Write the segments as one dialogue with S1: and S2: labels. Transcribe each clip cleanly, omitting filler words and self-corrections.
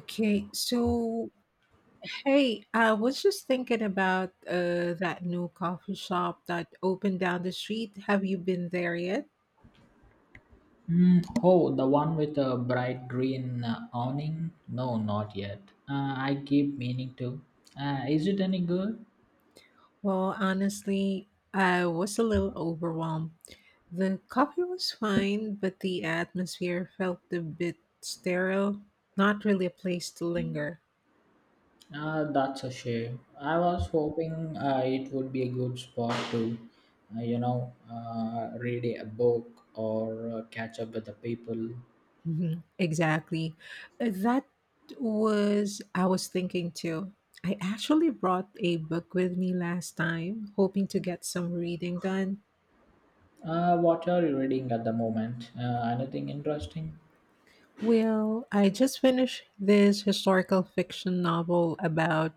S1: Okay, so hey, I was just thinking about that new coffee shop that opened down the street. Have you been there yet?
S2: Hmm. Oh, the one with a bright green awning? No, not yet. I keep meaning to. Is it any good?
S1: Well, honestly, I was a little overwhelmed. The coffee was fine, but the atmosphere felt a bit sterile, not really a place to linger.
S2: That's a shame. I was hoping it would be a good spot to read a book or catch up with the people.
S1: Mhm. Exactly. That was I was thinking too. I actually brought a book with me last time, hoping to get some reading done.
S2: What are you reading at the moment? Anything interesting?
S1: Well, I just finished this historical fiction novel about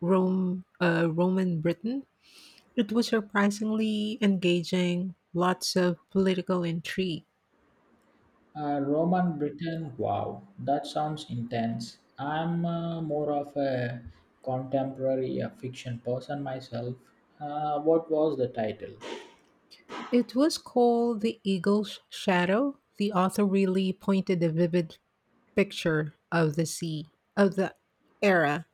S1: Roman Britain. It was surprisingly engaging, lots of political intrigue.
S2: Roman Britain, wow, that sounds intense. I'm more of a contemporary fiction person myself. What was the title?
S1: It was called The Eagle's Shadow. The author really pointed a vivid picture of the sea, of the era.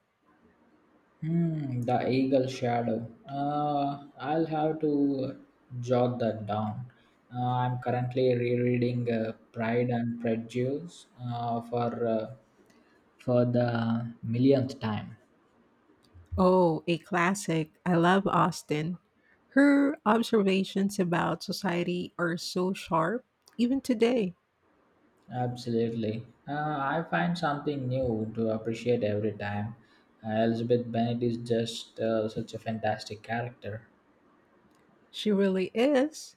S2: Hmm, The Eagle Shadow. I'll have to jot that down. I'm currently rereading Pride and Prejudice for for the millionth time.
S1: Oh, a classic. I love Austen. Her observations about society are so sharp, even today.
S2: Absolutely. I find something new to appreciate every time. Elizabeth Bennet is just such a fantastic character.
S1: She really is.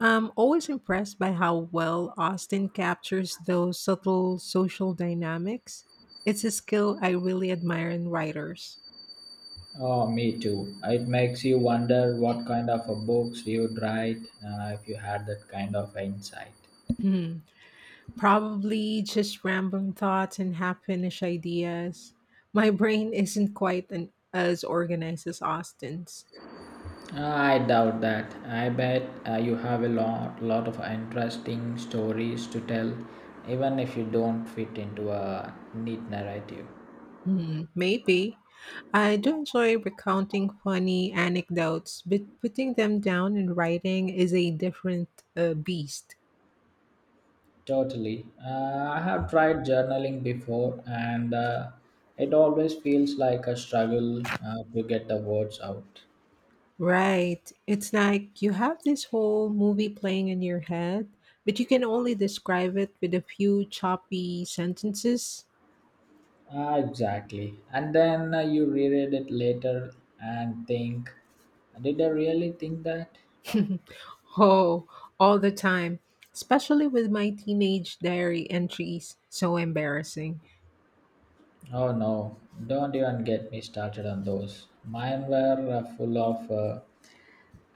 S1: I'm always impressed by how well Austen captures those subtle social dynamics. It's a skill I really admire in writers.
S2: Oh, me too. It makes you wonder what kind of a books you would write if you had that kind of insight.
S1: Hmm. Probably just random thoughts and half finished ideas. My brain isn't quite an, as organized as Austen's.
S2: I doubt that. I bet you have a lot of interesting stories to tell, even if you don't fit into a neat narrative.
S1: Hmm, maybe. I do enjoy recounting funny anecdotes, but putting them down in writing is a different beast.
S2: Totally. I have tried journaling before, and it always feels like a struggle to get the words out.
S1: Right. It's like you have this whole movie playing in your head, but you can only describe it with a few choppy sentences.
S2: Ah, exactly. And then you reread it later and think, did I really think that?
S1: Oh, all the time, especially with my teenage diary entries. So embarrassing.
S2: Oh no, don't even get me started on those. Mine were full of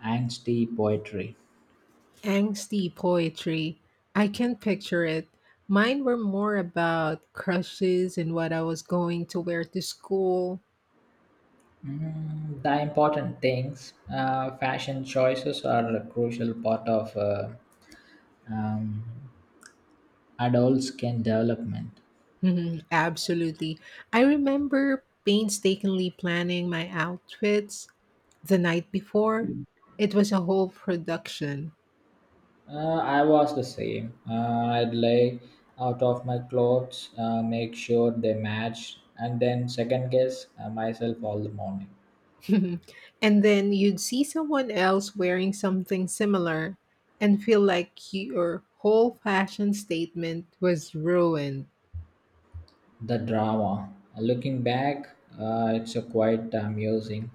S2: angsty poetry.
S1: Angsty poetry. I can picture it. Mine were more about crushes and what I was going to wear to school.
S2: Mm, the important things, fashion choices are a crucial part of um, adults can development.
S1: Mhm. Absolutely. I remember painstakingly planning my outfits the night before. It was a whole production.
S2: I was the same. I'd lay out of my clothes, make sure they match, and then second guess myself all the morning.
S1: And then you'd see someone else wearing something similar and feel like your whole fashion statement was ruined.
S2: The drama. Looking back, it's a quite amusing.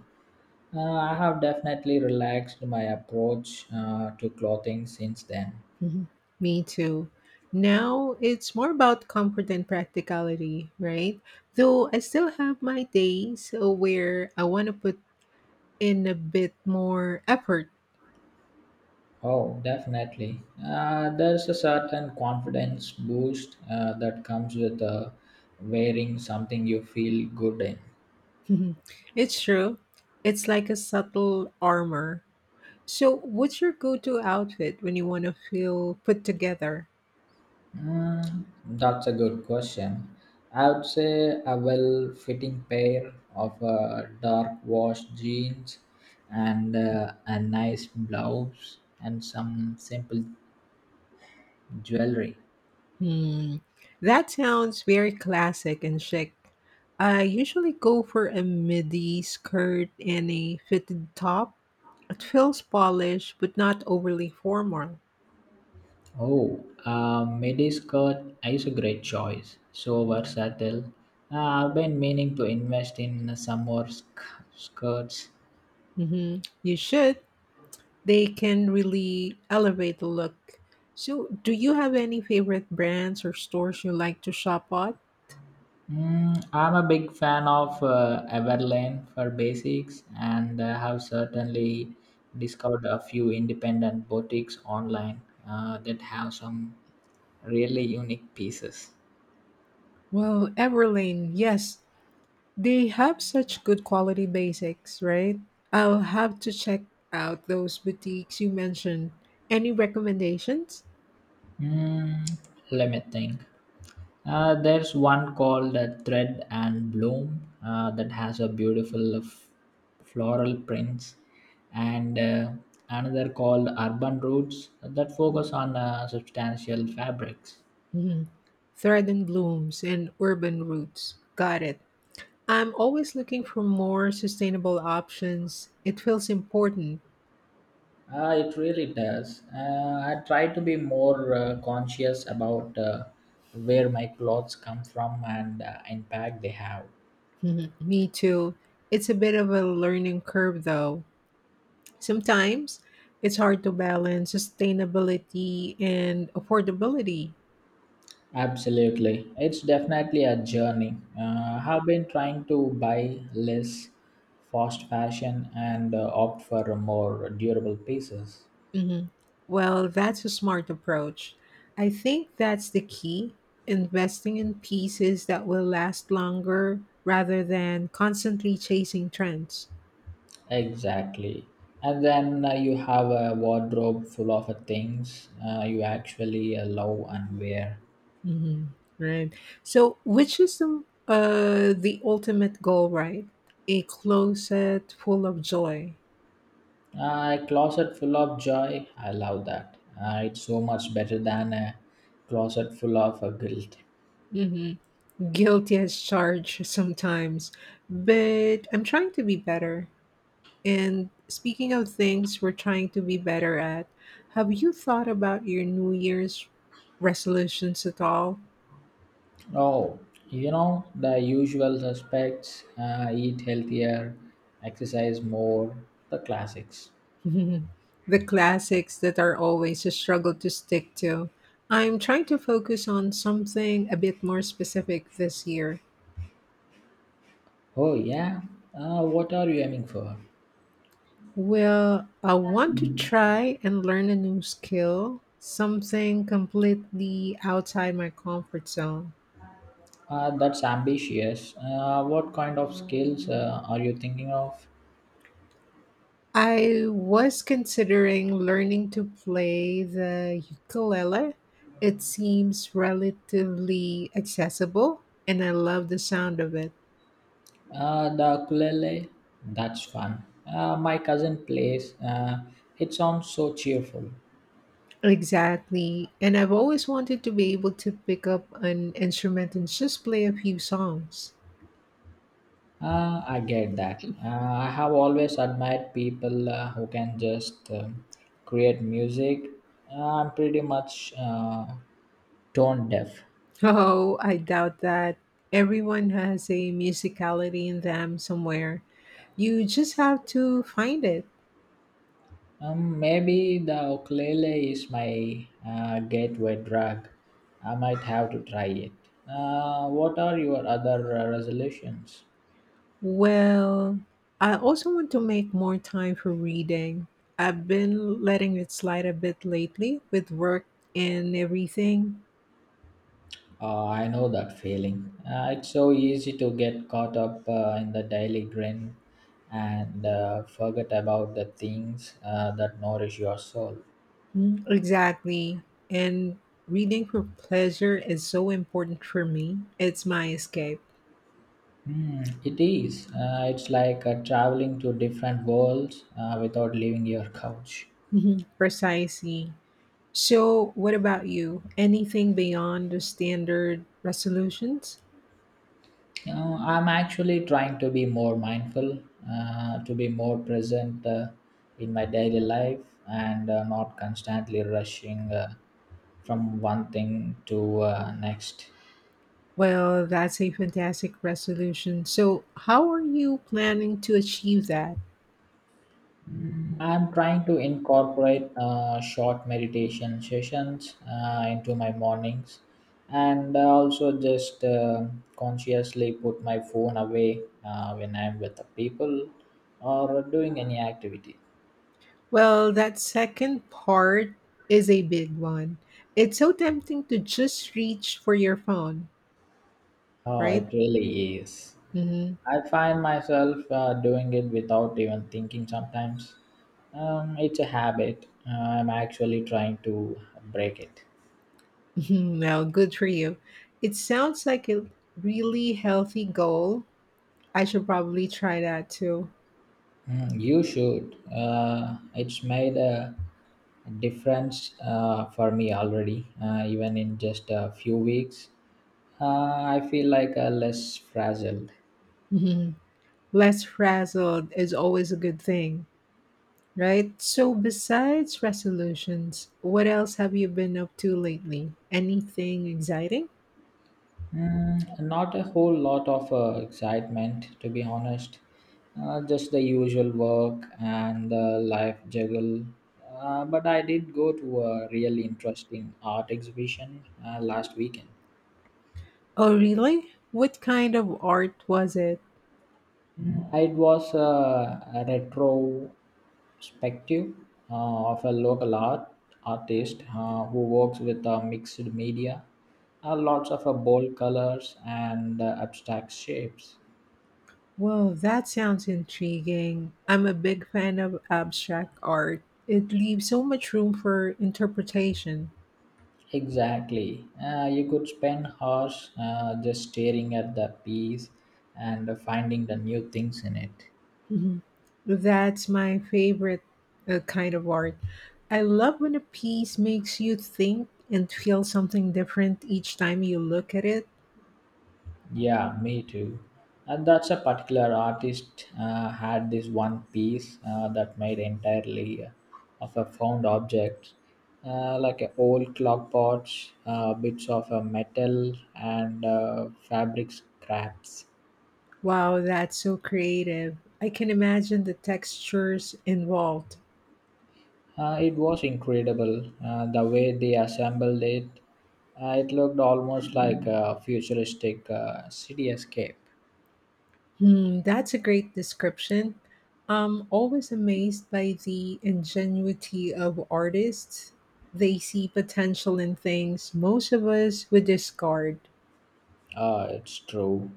S2: I have definitely relaxed my approach to clothing since then.
S1: Mhm. Me too. Now it's more about comfort and practicality, right? Though I still have my days where I want to put in a bit more effort.
S2: Oh, definitely. There's a certain confidence boost that comes with wearing something you feel good in.
S1: Mhm, it's true. It's like a subtle armor. So, what's your go to outfit when you want to feel put together?
S2: Mm, that's a good question. I would say a well fitting pair of dark wash jeans and a nice blouse and some simple jewelry.
S1: Hmm. That sounds very classic and chic. I usually go for a midi skirt and a fitted top. It feels polished but not overly formal.
S2: Oh, Mediscot is a great choice. So versatile. I've been meaning to invest in some more skirts.
S1: Hmm, you should. They can really elevate the look. So, do you have any favorite brands or stores you like to shop at?
S2: Mm, I'm a big fan of Everlane for basics and have certainly discovered a few independent boutiques online that have some really unique pieces.
S1: Well, Everlane, yes, they have such good quality basics, right? I'll have to check out those boutiques you mentioned. Any recommendations?
S2: Mm, let me think. There's one called Thread and Bloom that has a beautiful floral prints, and another called Urban Roots that focus on substantial fabrics.
S1: Mhm. Thread and Blooms and Urban Roots. Got it. I'm always looking for more sustainable options. It feels important.
S2: It really does. I try to be more conscious about where my clothes come from and impact they have.
S1: Mhm. Me too. It's a bit of a learning curve though. Sometimes it's hard to balance sustainability and affordability.
S2: Absolutely. It's definitely a journey. I've been trying to buy less fast fashion and opt for more durable pieces.
S1: Mhm. Well, that's a smart approach. I think that's the key, investing in pieces that will last longer rather than constantly chasing trends.
S2: Exactly. And then you have a wardrobe full of things you actually love and wear.
S1: Mhm, right. So, which is the ultimate goal, right? A closet full of joy.
S2: A closet full of joy. I love that. It's so much better than a closet full of guilt.
S1: Hmm. Guilty as charged sometimes, but I'm trying to be better. And speaking of things we're trying to be better at, have you thought about your New Year's resolutions at all?
S2: Oh, you know, the usual suspects eat healthier, exercise more, the classics.
S1: The classics that are always a struggle to stick to. I'm trying to focus on something a bit more specific this year.
S2: Oh, yeah. What are you aiming for?
S1: Well, I want to try and learn a new skill, something completely outside my comfort zone.
S2: That's ambitious. What kind of skills are you thinking of?
S1: I was considering learning to play the ukulele. It seems relatively accessible, and I love the sound of it.
S2: The ukulele? That's fun. My cousin plays. It sounds so cheerful.
S1: Exactly. And I've always wanted to be able to pick up an instrument and just play a few songs.
S2: I get that. I have always admired people who can just create music. I'm pretty much tone deaf.
S1: Oh, I doubt that. Everyone has a musicality in them somewhere. You just have to find it.
S2: Maybe the ukulele is my gateway drug. I might have to try it. What are your other resolutions?
S1: Well, I also want to make more time for reading. I've been letting it slide a bit lately with work and everything.
S2: I know that feeling. It's so easy to get caught up in the daily grind and forget about the things that nourish your soul.
S1: Mm, exactly. And reading for pleasure is so important for me. It's my escape.
S2: Hmm, it is. It's like traveling to different worlds without leaving your couch.
S1: Mhm. Precisely. So, what about you? Anything beyond the standard resolutions?
S2: You know, I'm actually trying to be more mindful, to be more present in my daily life, and not constantly rushing from one thing to next.
S1: Well, that's a fantastic resolution. So, how are you planning to achieve that?
S2: I'm trying to incorporate short meditation sessions into my mornings and also just consciously put my phone away when I'm with the people or doing any activity.
S1: Well, that second part is a big one. It's so tempting to just reach for your phone,
S2: Oh,
S1: right?
S2: it really is.
S1: Mhm.
S2: I find myself doing it without even thinking sometimes. It's a habit. I'm actually trying to break it.
S1: Well, good for you. It sounds like a really healthy goal. I should probably try that too.
S2: Mhm, you should. It's made a difference for me already, even in just a few weeks. I feel like a less frazzled.
S1: Mhm. Less frazzled is always a good thing, right? So, besides resolutions, what else have you been up to lately? Anything exciting?
S2: Mm, not a whole lot of excitement, to be honest. Just the usual work and the life juggle. But I did go to a really interesting art exhibition last weekend.
S1: Oh, really? What kind of art was it?
S2: Mm-hmm. It was a retrospective of a local artist who works with mixed media, lots of bold colors and abstract shapes.
S1: Well, that sounds intriguing. I'm a big fan of abstract art. It leaves so much room for interpretation.
S2: Exactly. You could spend hours just staring at the piece and finding the new things in it.
S1: Mhm. That's my favorite kind of art. I love when a piece makes you think and feel something different each time you look at it.
S2: Yeah, me too. And that's a particular artist had this one piece that made entirely of a found object, like a old clock watch, bits of a metal and fabric scraps.
S1: Wow, that's so creative. I can imagine the textures involved.
S2: It was incredible the way they assembled it. It looked almost like a futuristic city escape.
S1: Hmm, that's a great description. I'm always amazed by the ingenuity of artists. They see potential in things most of us would discard.
S2: Ah, it's true.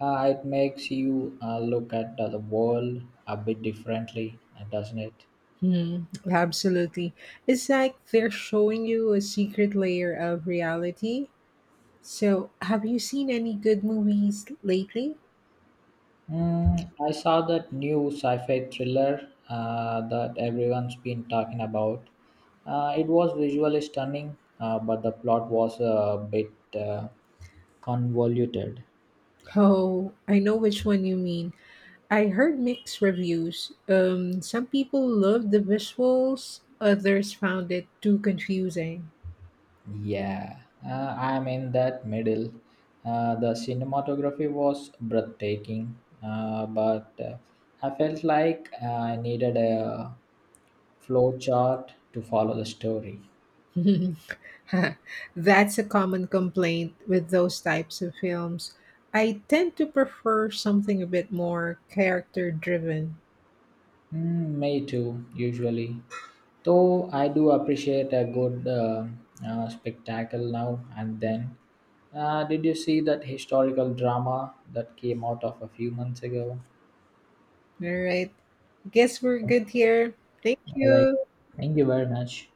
S2: Ah, it makes you look at the world a bit differently, doesn't it?
S1: Hmm, absolutely. It's like they're showing you a secret layer of reality. So, have you seen any good movies lately?
S2: Mm, I saw that new sci-fi thriller that everyone's been talking about. It was visually stunning, but the plot was a bit uh, convoluted.
S1: Oh, I know which one you mean. I heard mixed reviews. Some people loved the visuals, others found it too confusing.
S2: Yeah, I'm in that middle. The cinematography was breathtaking, but I felt like I needed a flow chart to follow the story.
S1: That's a common complaint with those types of films. I tend to prefer something a bit more character driven.
S2: Mm, me too, usually. Though I do appreciate a good spectacle now and then. Did you see that historical drama that came out of a few months ago?
S1: All right. Guess we're good here. Thank
S2: All right,
S1: you.
S2: thank you very much.